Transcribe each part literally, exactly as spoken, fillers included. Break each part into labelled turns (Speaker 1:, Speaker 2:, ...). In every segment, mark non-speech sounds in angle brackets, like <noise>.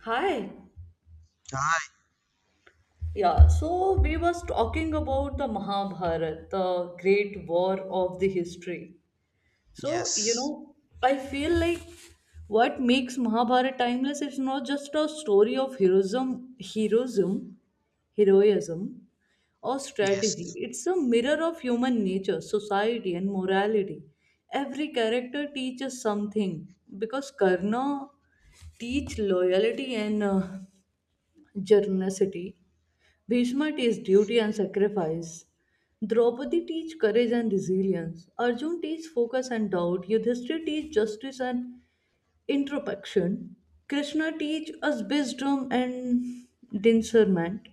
Speaker 1: Hi.
Speaker 2: Ah,
Speaker 1: Yeah, so we was talking about the Mahabharata, the great war of the history. So, you
Speaker 2: yes,
Speaker 1: know, I feel like what makes Mahabharata timeless is not just a story of heroism, heroism, heroism or strategy.
Speaker 2: yes,
Speaker 1: It's a mirror of human nature, society and morality. Every character teaches something because Karna teach loyalty and uh, generosity. Bhishma teaches duty and sacrifice. Draupadi teaches courage and resilience. Arjun teaches focus and doubt. Yudhishthir teaches justice and introspection. Krishna teaches us wisdom and discernment.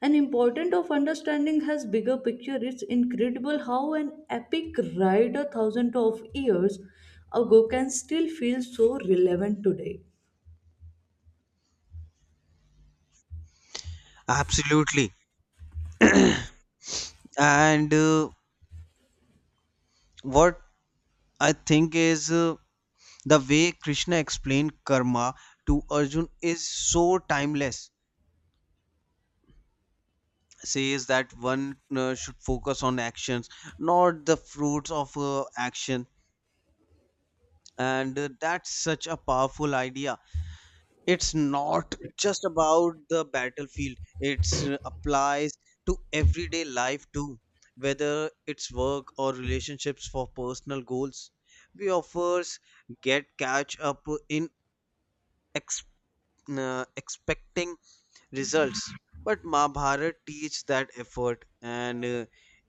Speaker 1: An important of understanding has bigger picture. It's incredible how an epic ride a thousand of years ago can still feel so relevant today.
Speaker 2: absolutely. And uh, what I think is uh, the way Krishna explained karma to Arjun is so timeless. Says that one uh, should focus on actions, not the fruits of uh, action. And uh, That's such a powerful idea. It's not just about the battlefield. It applies to everyday life too, whether it's work or relationships for personal goals. We offers get catch up in ex- uh, expecting results, but Mahabharat teaches that effort and uh,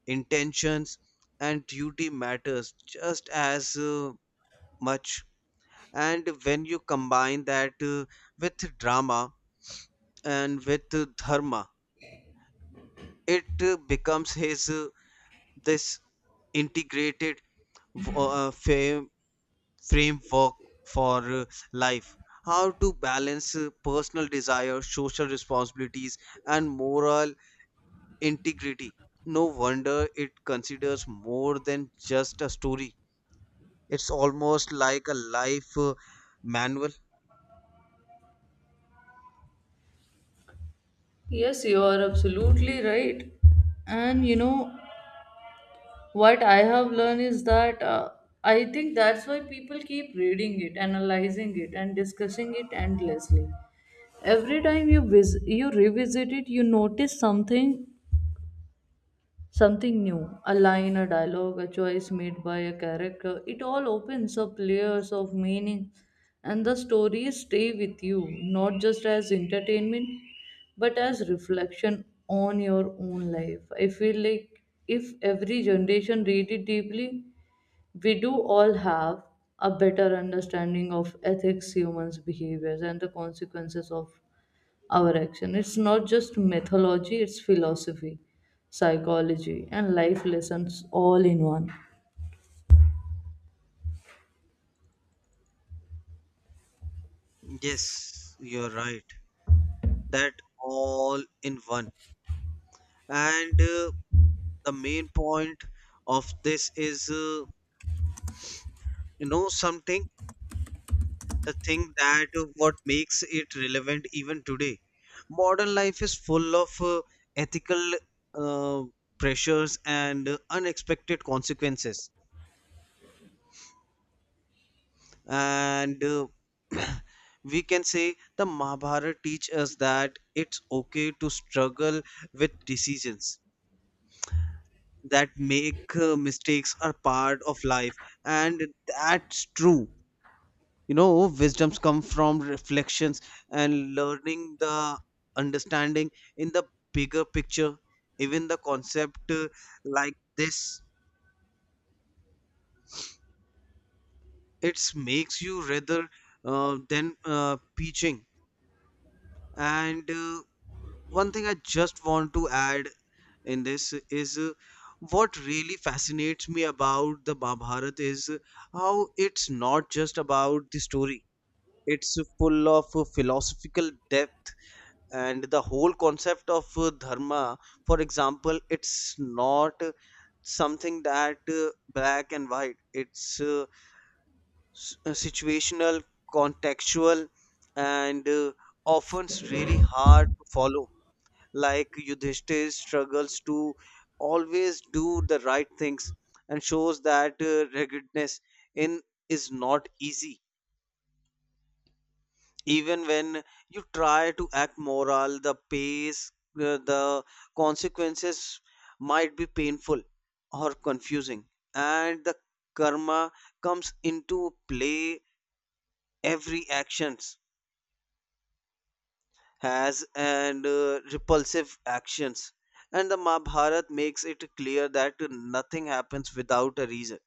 Speaker 2: intentions and duty matters just as uh, much. And when you combine that uh, with drama and with dharma, it uh, becomes his uh, this integrated uh, frame, framework for uh, life, how to balance uh, personal desire, social responsibilities, and moral integrity. No wonder it considers more than just a story. It's almost like a life uh, manual.
Speaker 1: Yes, you are absolutely right. And you know, what I have learned is that uh, I think that's why people keep reading it, analyzing it and discussing it endlessly. Every time you vis- you revisit it, you notice something something new. A line, a dialogue, a choice made by a character, it all opens up layers of meaning. And the stories stay with you, not just as entertainment but as reflection on your own life. I feel like if every generation read it deeply, we do all have a better understanding of ethics, humans' behaviors, and the consequences of our action. It's not just mythology, it's philosophy, psychology, and life lessons all in one.
Speaker 2: Yes, you're right, that all in one. And uh, The main point of this is uh, you know something, the thing that uh, what makes it relevant even today. Modern life is full of uh, ethical uh, pressures and uh, unexpected consequences, and uh, <clears throat> we can say the Mahabharata teach us that it's okay to struggle with decisions, that make uh, mistakes are part of life. And that's true, you know, wisdoms come from reflections and learning the understanding in the bigger picture. Even the concept uh, like this, it makes you rather uh, than uh, preaching. And uh, One thing I just want to add in this is uh, what really fascinates me about the Mahabharata is uh, how it's not just about the story. It's full of uh, philosophical depth. And the whole concept of uh, dharma, for example, it's not uh, something that uh, black and white. It's uh, s- uh, situational, contextual, and uh, often s- really hard to follow, like Yudhishthir struggles to always do the right things, and shows that uh, ruggedness in is not easy. Even when you try to act moral, the pace, uh, the consequences might be painful or confusing. And the karma comes into play, every actions has and uh, repulsive actions. And the Mahabharata makes it clear that nothing happens without a reason,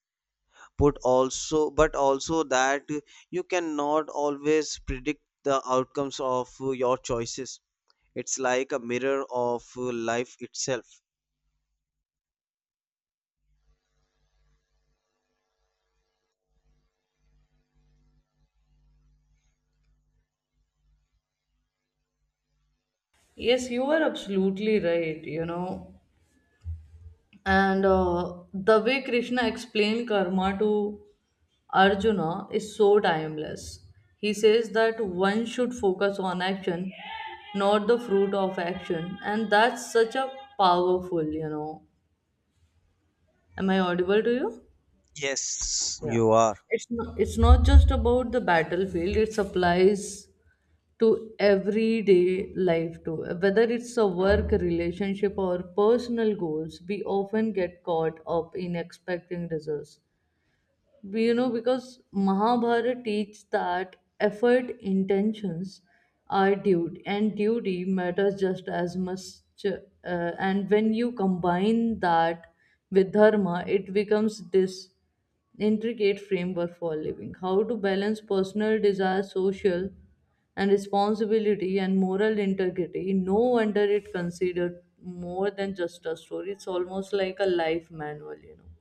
Speaker 2: put also but also that you cannot always predict the outcomes of your choices. It's like a mirror of life itself.
Speaker 1: Yes, you are absolutely right, you know. And uh, the way Krishna explained karma to Arjuna is so timeless. He says that one should focus on action, not the fruit of action, and that's such a powerful, you know, am I audible to you?
Speaker 2: yes
Speaker 1: Yeah,
Speaker 2: you are
Speaker 1: it's not, it's not just about the battlefield, it applies to everyday life too, whether it's a work relationship or personal goals. We often get caught up in expecting results, you know, because Mahabharata teaches that effort, intentions are duty, and duty matters just as much. uh, and when you combine that with dharma, it becomes this intricate framework for living, how to balance personal desire, social and responsibility, and moral integrity. No wonder it considered more than just a story, it's almost like a life manual, you know.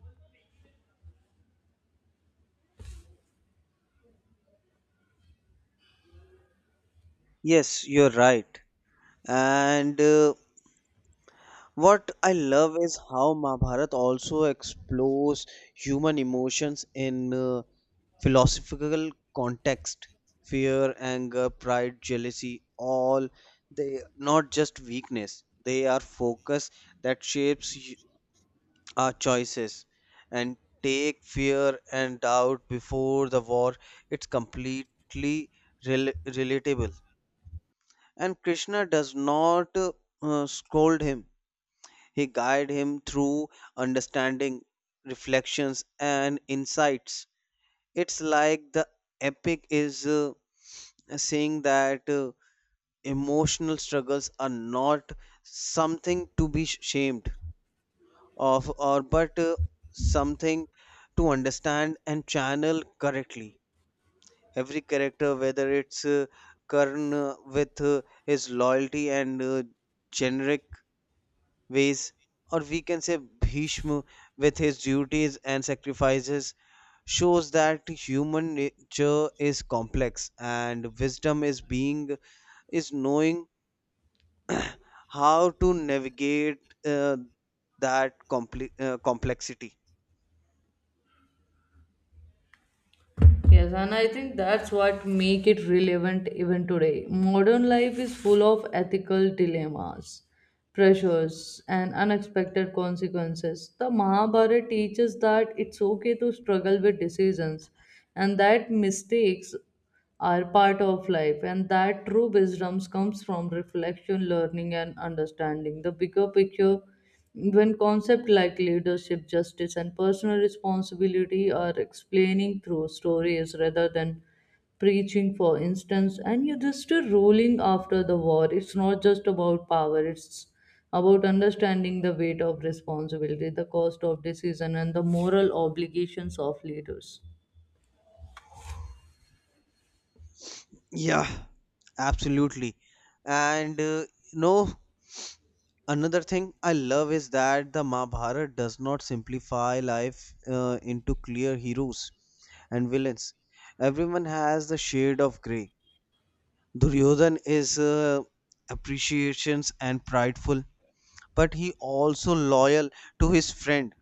Speaker 2: Yes, you're right. and uh, What I love is how Mahabharata also explores human emotions in uh, philosophical context. Fear, anger, pride, jealousy, all they not just weakness. They are focus that shapes y- our choices. And take fear and doubt before the war. It's completely rel- relatable. And Krishna does not uh, uh, scold him, he guided him through understanding, reflections, and insights. It's like the epic is uh, saying that uh, emotional struggles are not something to be shamed of, or but uh, something to understand and channel correctly. Every character, whether it's uh, Karn uh, with uh, his loyalty and uh, generic ways, or we can say Bhishma with his duties and sacrifices, shows that human nature is complex and wisdom is being is knowing how to navigate uh, that compli uh, complexity.
Speaker 1: Yes, and I think that's what make it relevant even today. Modern life is full of ethical dilemmas, pressures, and unexpected consequences. The Mahabharata teaches that it's okay to struggle with decisions and that mistakes are part of life, and that true wisdom comes from reflection, learning and understanding the bigger picture. When concepts like leadership, justice and personal responsibility are explaining through stories rather than preaching, for instance, and you are just a ruling after the war, it's not just about power, it's about understanding the weight of responsibility, the cost of decision, and the moral obligations of leaders.
Speaker 2: Yeah, absolutely. And uh, You know, another thing I love is that the Mahabharata does not simplify life uh, into clear heroes and villains. Everyone has the shade of gray. Duryodhan is uh, appreciations and prideful, but he also loyal to his friend,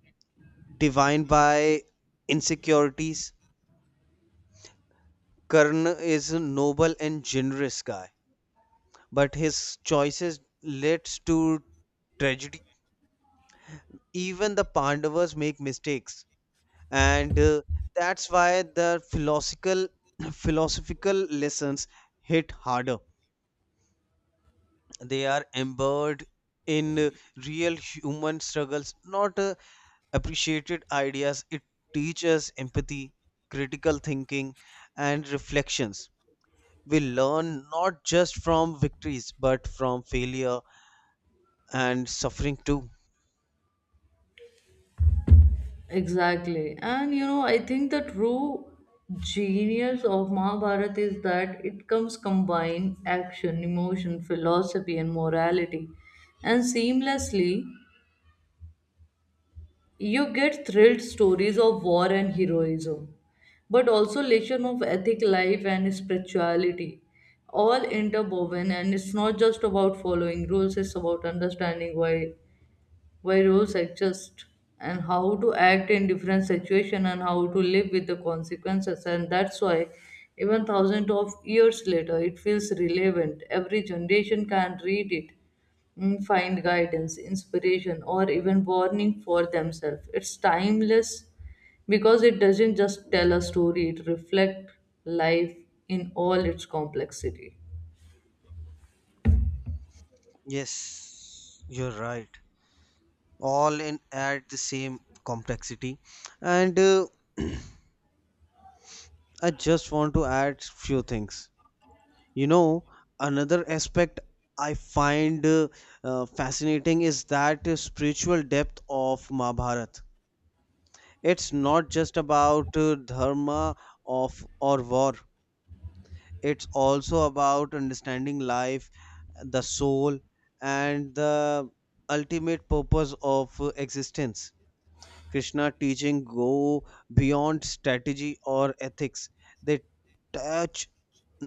Speaker 2: defined by insecurities. Karna is a noble and generous guy, but his choices leads to tragedy. Even the Pandavas make mistakes, and uh, that's why the philosophical <clears throat> philosophical lessons hit harder. They are embedded in uh, real human struggles, not uh, appreciated ideas. It teaches empathy, critical thinking, and reflections. We learn not just from victories, but from failure and suffering too.
Speaker 1: Exactly. And you know, I think the true genius of Mahabharata is that it comes combine action, emotion, philosophy, and morality. And seamlessly, you get thrilled stories of war and heroism, but also lesson of ethic, life, and spirituality. All interwoven, and it's not just about following rules, it's about understanding why why rules exist, and how to act in different situations, and how to live with the consequences. And that's why even thousands of years later it feels relevant. Every generation can read it, mm, find guidance, inspiration or even warning for themselves. It's timeless because it doesn't just tell a story, it reflects life in all its complexity.
Speaker 2: Yes, you're right, all in add the same complexity. And uh, <clears throat> I just want to add few things. You know, another aspect I find uh, uh, fascinating is that uh, spiritual depth of Mahabharata. It's not just about uh, dharma of or war. It's also about understanding life, the soul, and the ultimate purpose of uh, existence. Krishna teaching go beyond strategy or ethics. They touch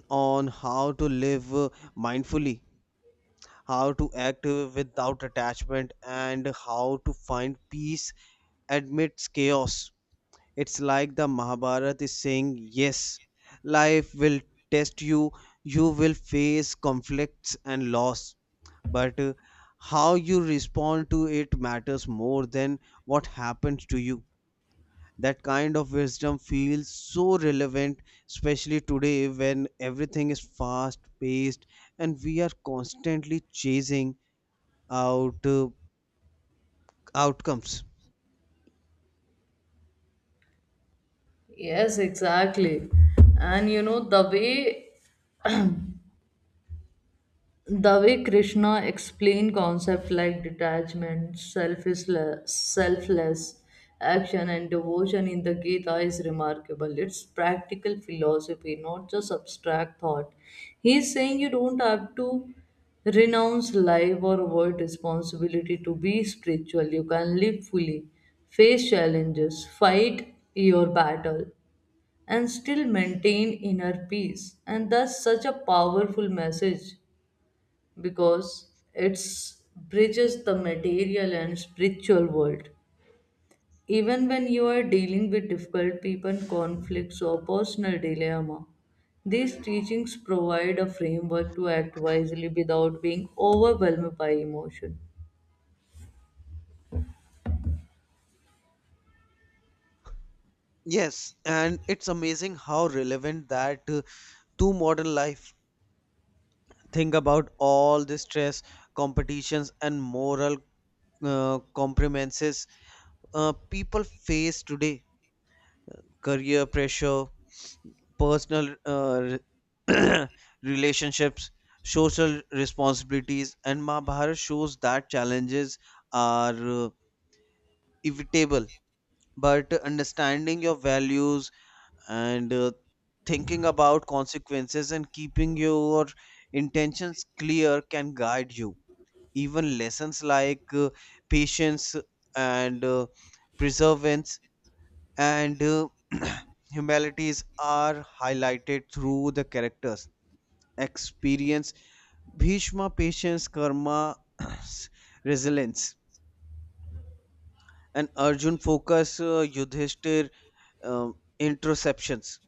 Speaker 2: on how to live uh, mindfully, how to act uh, without attachment, and how to find peace amidst chaos. It's like the Mahabharata is saying, yes, life will test you, you will face conflicts and loss, but uh, how you respond to it matters more than what happens to you. That kind of wisdom feels so relevant, especially today when everything is fast paced and we are constantly chasing out uh, outcomes.
Speaker 1: Yes, exactly. And you know, the way the way Krishna explained concepts like detachment, selfishle- selfless action and devotion in the Gita is remarkable. It's practical philosophy, not just abstract thought. He's saying you don't have to renounce life or avoid responsibility to be spiritual. You can live fully, face challenges, fight your battle, and still maintain inner peace. And that's such a powerful message because it bridges the material and spiritual world. Even when you are dealing with difficult people, conflicts, or personal dilemma, these teachings provide a framework to act wisely without being overwhelmed by emotion.
Speaker 2: Yes, and it's amazing how relevant that uh, to modern life. Think about all the stress, competitions, and moral uh, compromises uh, people face today. Career pressure, personal uh, <clears throat> relationships, social responsibilities, and Mahabharata shows that challenges are uh, evitable. But understanding your values and uh, thinking about consequences and keeping your intentions clear can guide you. Even lessons like uh, patience and uh, perseverance and uh, <clears throat> humanities are highlighted through the characters experience. Bhishma patience, karma, <clears throat> resilience, and Arjun focus, uh, Yudhishthir um, interceptions.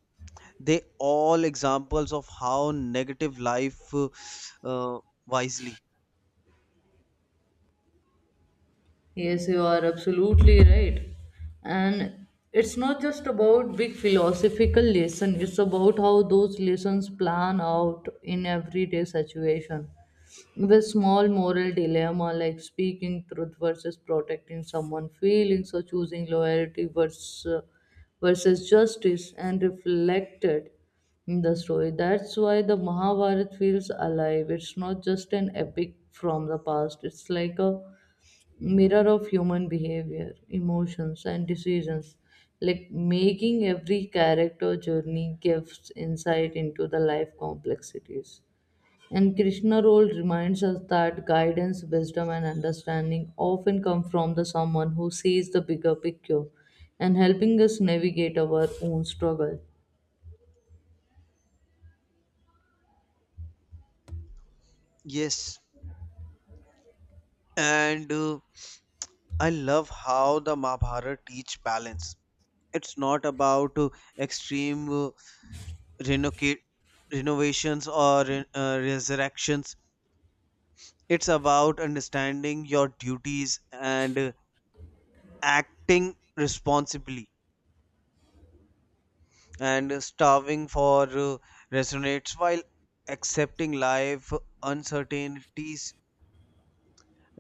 Speaker 2: They all examples of how negative life uh, uh, wisely.
Speaker 1: Yes, you are absolutely right. And it's not just about big philosophical lesson, it's about how those lessons plan out in everyday situation. With small moral dilemma like speaking truth versus protecting someone feelings or choosing loyalty versus versus justice and reflected in the story. That's why the Mahabharata feels alive. It's not just an epic from the past. It's like a mirror of human behavior, emotions, and decisions, like making every character journey gives insight into the life complexities. And Krishna role reminds us that guidance, wisdom, and understanding often come from the someone who sees the bigger picture and helping us navigate our own struggle.
Speaker 2: Yes, and uh, I love how the Mahabharata teach balance. It's not about uh, extreme uh, renocate, renovations or re- uh, resurrections. It's about understanding your duties and uh, acting responsibly and starving for uh, resonates, while accepting life uncertainties.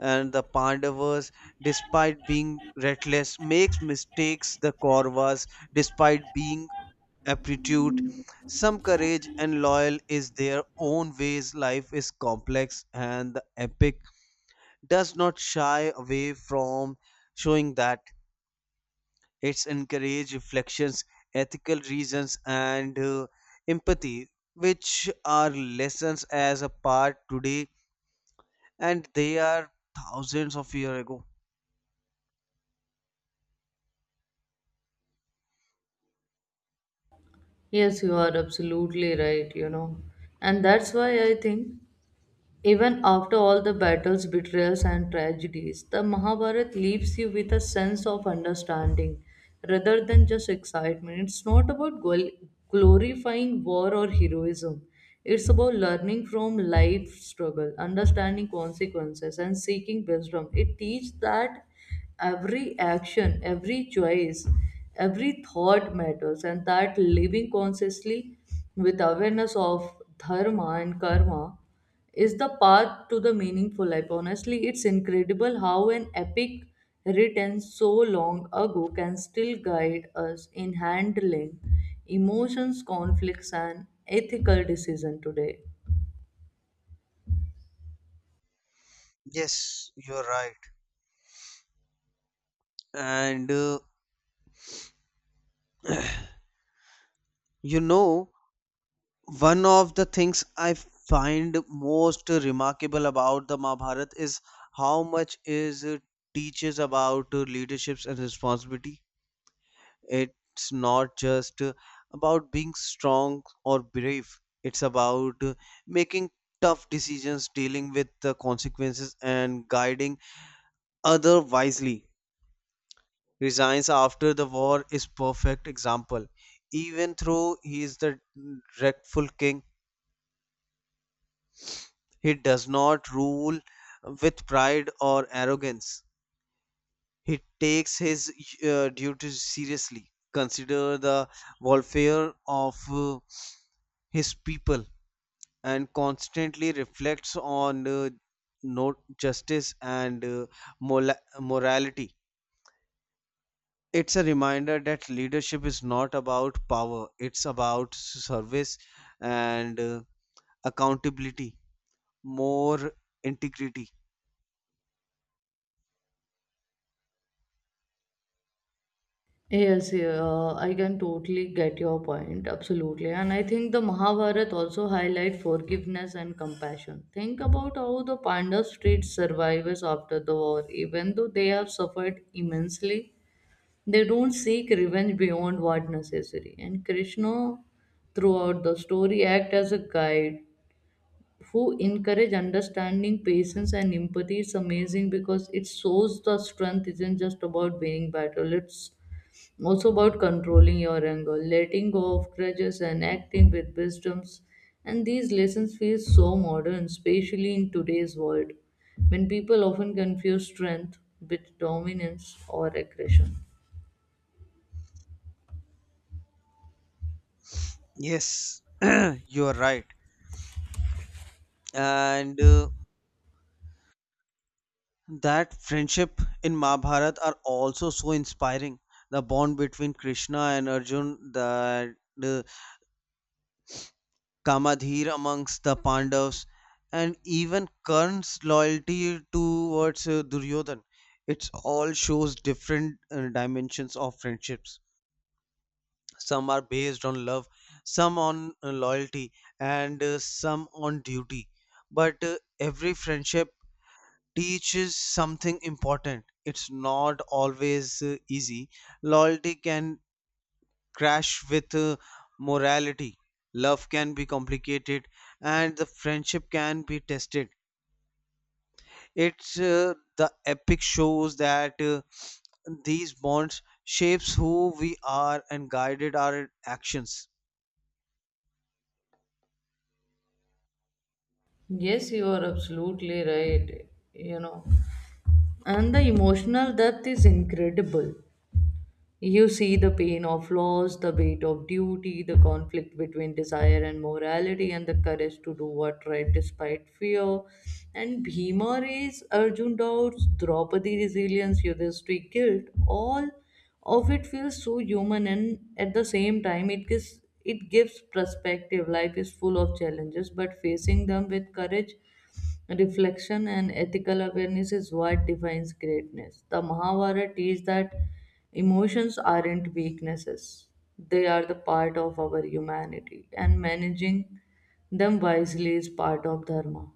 Speaker 2: And the Pandavas, despite being reckless, makes mistakes. The Kauravas, despite being aptitude, some courage and loyal is their own ways. Life is complex and the epic does not shy away from showing that. It's encourage reflections, ethical reasons, and uh, empathy, which are lessons as a part today, and they are thousands of years ago.
Speaker 1: Yes, you are absolutely right, you know. And that's why I think even after all the battles, betrayals, and tragedies, the Mahabharata leaves you with a sense of understanding rather than just excitement. It's not about gl- glorifying war or heroism, it's about learning from life struggle, understanding consequences, and seeking wisdom. It teaches that every action, every choice, every thought matters, and that living consciously with awareness of dharma and karma is the path to the meaningful life. Honestly, it's incredible how an epic written so long ago can still guide us in handling emotions, conflicts, and ethical decision today.
Speaker 2: Yes, you're right. And uh, You know, one of the things I find most remarkable about the Mahabharata is how much is uh, teaches about uh, leaderships and responsibility. It's not just about being strong or brave, it's about making tough decisions, dealing with the consequences, and guiding other wisely. Resigns after the war is perfect example. Even though he is the dreadful king, he does not rule with pride or arrogance. He takes his uh, duties seriously. Consider the welfare of uh, his people and constantly reflects on uh, no justice and uh, mola- morality. It's a reminder that leadership is not about power, it's about service and uh, accountability, more integrity.
Speaker 1: Yes, yeah, uh, I can totally get your point, absolutely. And I think the Mahabharata also highlight forgiveness and compassion. Think about how the Pandavas treat survivors after the war, even though they have suffered immensely. They don't seek revenge beyond what necessary. And Krishna, throughout the story, act as a guide who encourage understanding, patience, and empathy. It's amazing because it shows the strength isn't just about winning battle. It's also about controlling your anger, letting go of grudges, and acting with wisdoms. And these lessons feel so modern, especially in today's world, when people often confuse strength with dominance or aggression.
Speaker 2: Yes, <clears throat> you are right. And uh, That friendship in Mahabharata are also so inspiring. The bond between Krishna and Arjun, that uh, Kamadhir amongst the Pandavas, and even Karna's loyalty towards uh, Duryodhan. It all shows different uh, dimensions of friendships. Some are based on love, some on uh, loyalty, and uh, some on duty. But uh, every friendship teaches something important. It's not always uh, easy. Loyalty can crash with uh, morality. Love can be complicated and the friendship can be tested. It's uh, The epic shows that uh, these bonds shapes who we are and guided our actions.
Speaker 1: Yes, you are absolutely right. You know, and the emotional depth is incredible. You see the pain of loss, the weight of duty, the conflict between desire and morality, and the courage to do what right despite fear. And Bhima is Arjun doubts, Draupadi resilience, Yudhishthira guilt. All of it feels so human, and at the same time, it gives it gives perspective. Life is full of challenges, but facing them with courage, reflection and ethical awareness is what defines greatness. The Mahabharata teaches that emotions aren't weaknesses, they are the part of our humanity, and managing them wisely is part of Dharma.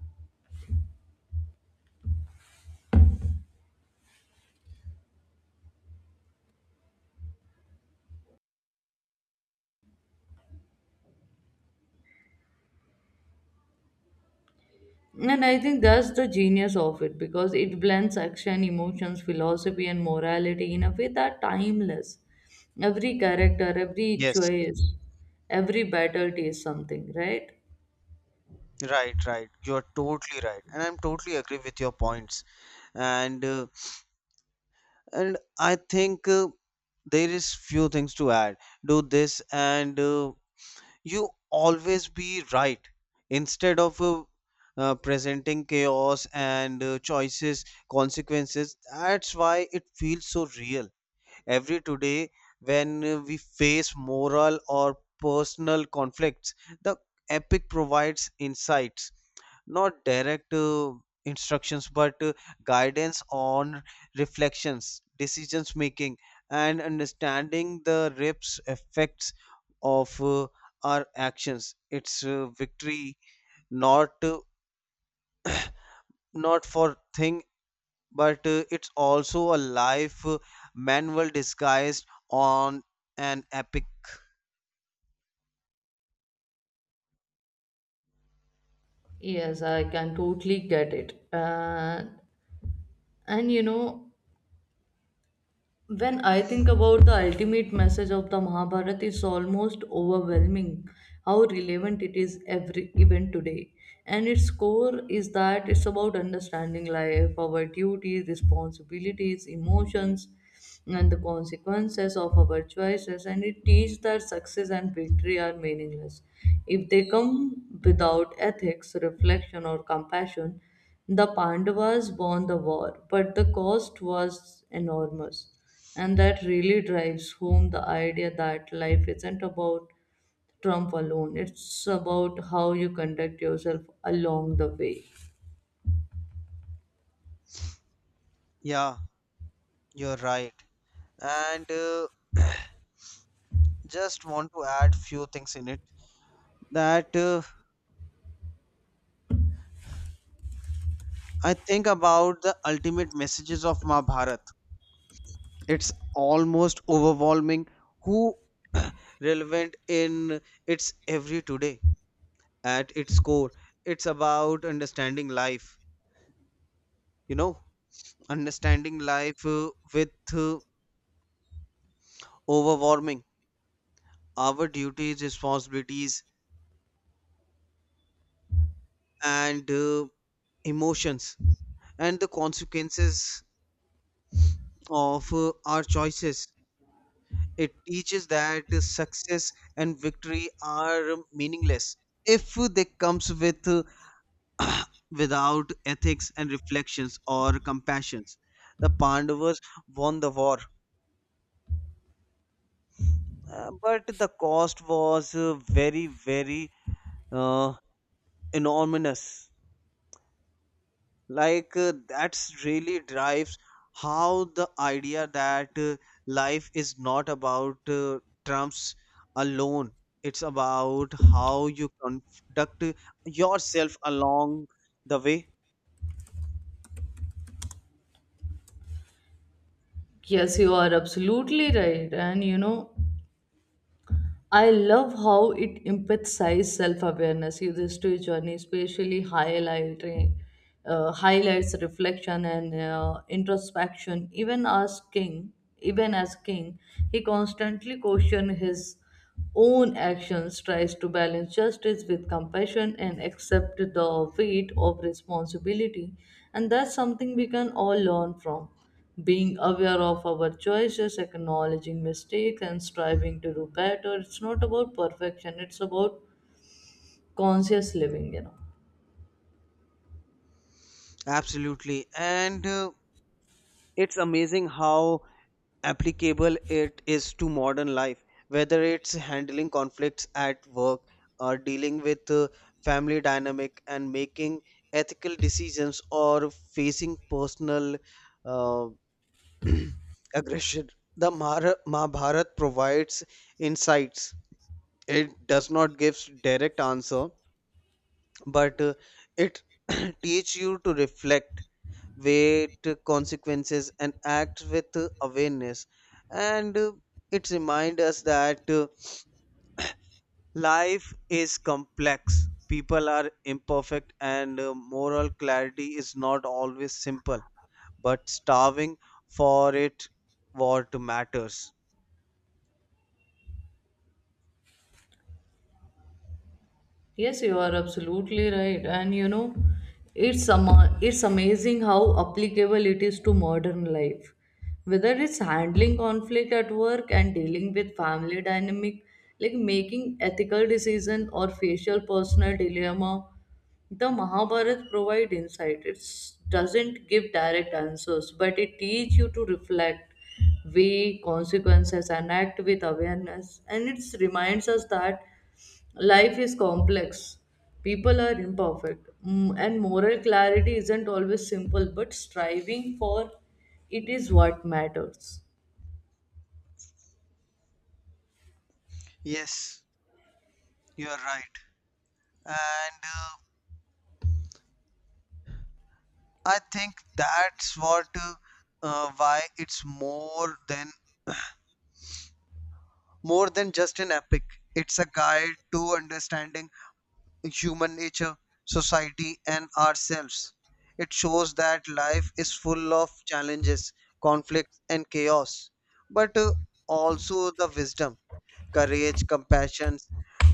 Speaker 1: And I think that's the genius of it because it blends action, emotions, philosophy, and morality in a way that timeless. Every character, every
Speaker 2: Yes,
Speaker 1: choice, every battle tastes something, right?
Speaker 2: right, right. You're totally right. And I'm totally agree with your points. And uh, and I think uh, there is few things to add. Do this and uh, you always be right, instead of uh, uh, presenting chaos and uh, choices consequences. That's why it feels so real every today when uh, we face moral or personal conflicts. The epic provides insights, not direct uh, instructions, but uh, guidance on reflections, decisions making, and understanding the rips effects of uh, our actions. It's uh, victory, not uh, not for thing, but uh, it's also a life uh, manual disguised on an epic.
Speaker 1: Yes, I can totally get it. Uh, and you know, when I think about the ultimate message of the Mahabharata, it's almost overwhelming how relevant it is every even today. And its core is that it's about understanding life, our duties, responsibilities, emotions, and the consequences of our choices. And it teaches that success and victory are meaningless if they come without ethics, reflection, or compassion. The Pandavas won the war, but the cost was enormous. And that really drives home the idea that life isn't about Trump alone, it's about how you conduct yourself along the way.
Speaker 2: Yeah, you're right. and uh, Just want to add few things in it, that uh, I think about the ultimate messages of Mahabharata. It's almost overwhelming who relevant in its every today. At its core, it's about understanding life, you know, understanding life uh, with uh, overwhelming our duties, responsibilities, and uh, emotions and the consequences of uh, our choices. It teaches that success and victory are meaningless if they comes with without ethics and reflections or compassions. The Pandavas won the war, uh, but the cost was uh, very, very uh, enormous. Like uh, that's really drives how the idea that uh, life is not about uh, trumps alone, it's about how you conduct yourself along the way.
Speaker 1: Yes, you are absolutely right. And you know, I love how it emphasizes self-awareness uses to journey, especially highlighting uh, highlights reflection and uh, introspection. Even as king, even as king, he constantly questions his own actions, tries to balance justice with compassion, and accept the weight of responsibility. And that's something we can all learn from, being aware of our choices, acknowledging mistakes, and striving to do better. It's not about perfection, it's about conscious living, you know.
Speaker 2: Absolutely. And uh, It's amazing how applicable it is to modern life, whether it's handling conflicts at work or dealing with uh, family dynamic and making ethical decisions or facing personal uh, <clears throat> aggression. The Mara- Mahabharat provides insights. It does not give direct answer, but uh, it <clears throat> teach you to reflect weight consequences and act with awareness. And uh, It reminds us that uh, life is complex, people are imperfect, and uh, moral clarity is not always simple, but starving for it what matters.
Speaker 1: Yes, you are absolutely right. And you know, it's ama- it's amazing how applicable it is to modern life. Whether it's handling conflict at work and dealing with family dynamic, like making ethical decision or facial personal dilemma, the Mahabharata provide insight. It doesn't give direct answers, but it teaches you to reflect, weigh consequences, and act with awareness. And it reminds us that life is complex, people are imperfect, mm, and moral clarity isn't always simple, but striving for it is what matters.
Speaker 2: Yes, you are right. and uh, I think that's what uh, uh, why it's more than more than just an epic. It's a guide to understanding human nature, society, and ourselves. It shows that life is full of challenges, conflicts, and chaos, but uh, also the wisdom, courage, compassion,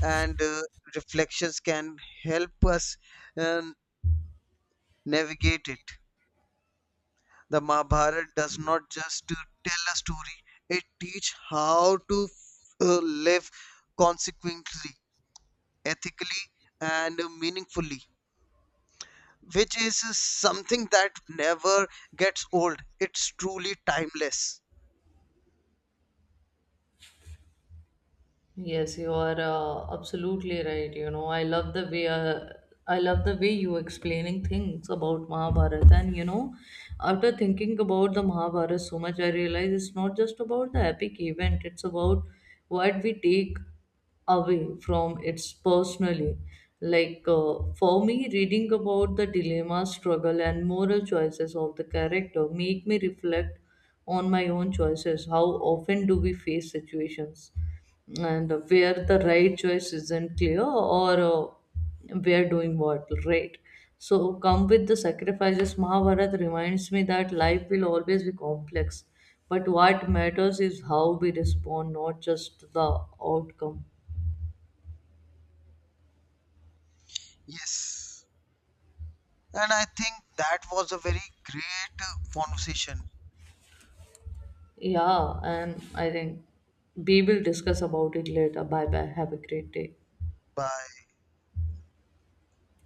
Speaker 2: and uh, reflections can help us um, navigate it. The Mahabharata does not just uh, tell a story, it teaches how to uh, live consequently, ethically, and meaningfully, which is something that never gets old. It's truly timeless.
Speaker 1: Yes, you are uh, absolutely right. You know, I love the way uh, I love the way you explaining things about Mahabharata. And you know, after thinking about the Mahabharata so much, I realize it's not just about the epic event. It's about what we take away from its personally. Like uh, for me, reading about the dilemma, struggle, and moral choices of the character make me reflect on my own choices. How often do we face situations? And where the right choice isn't clear, or uh, we are doing what right, so come with the sacrifices. Mahabharata reminds me that life will always be complex, but what matters is how we respond, not just the outcome.
Speaker 2: Yes. And I think that was a very great uh, conversation.
Speaker 1: Yeah, and I think we will discuss about it later. Bye bye, have a great day.
Speaker 2: Bye.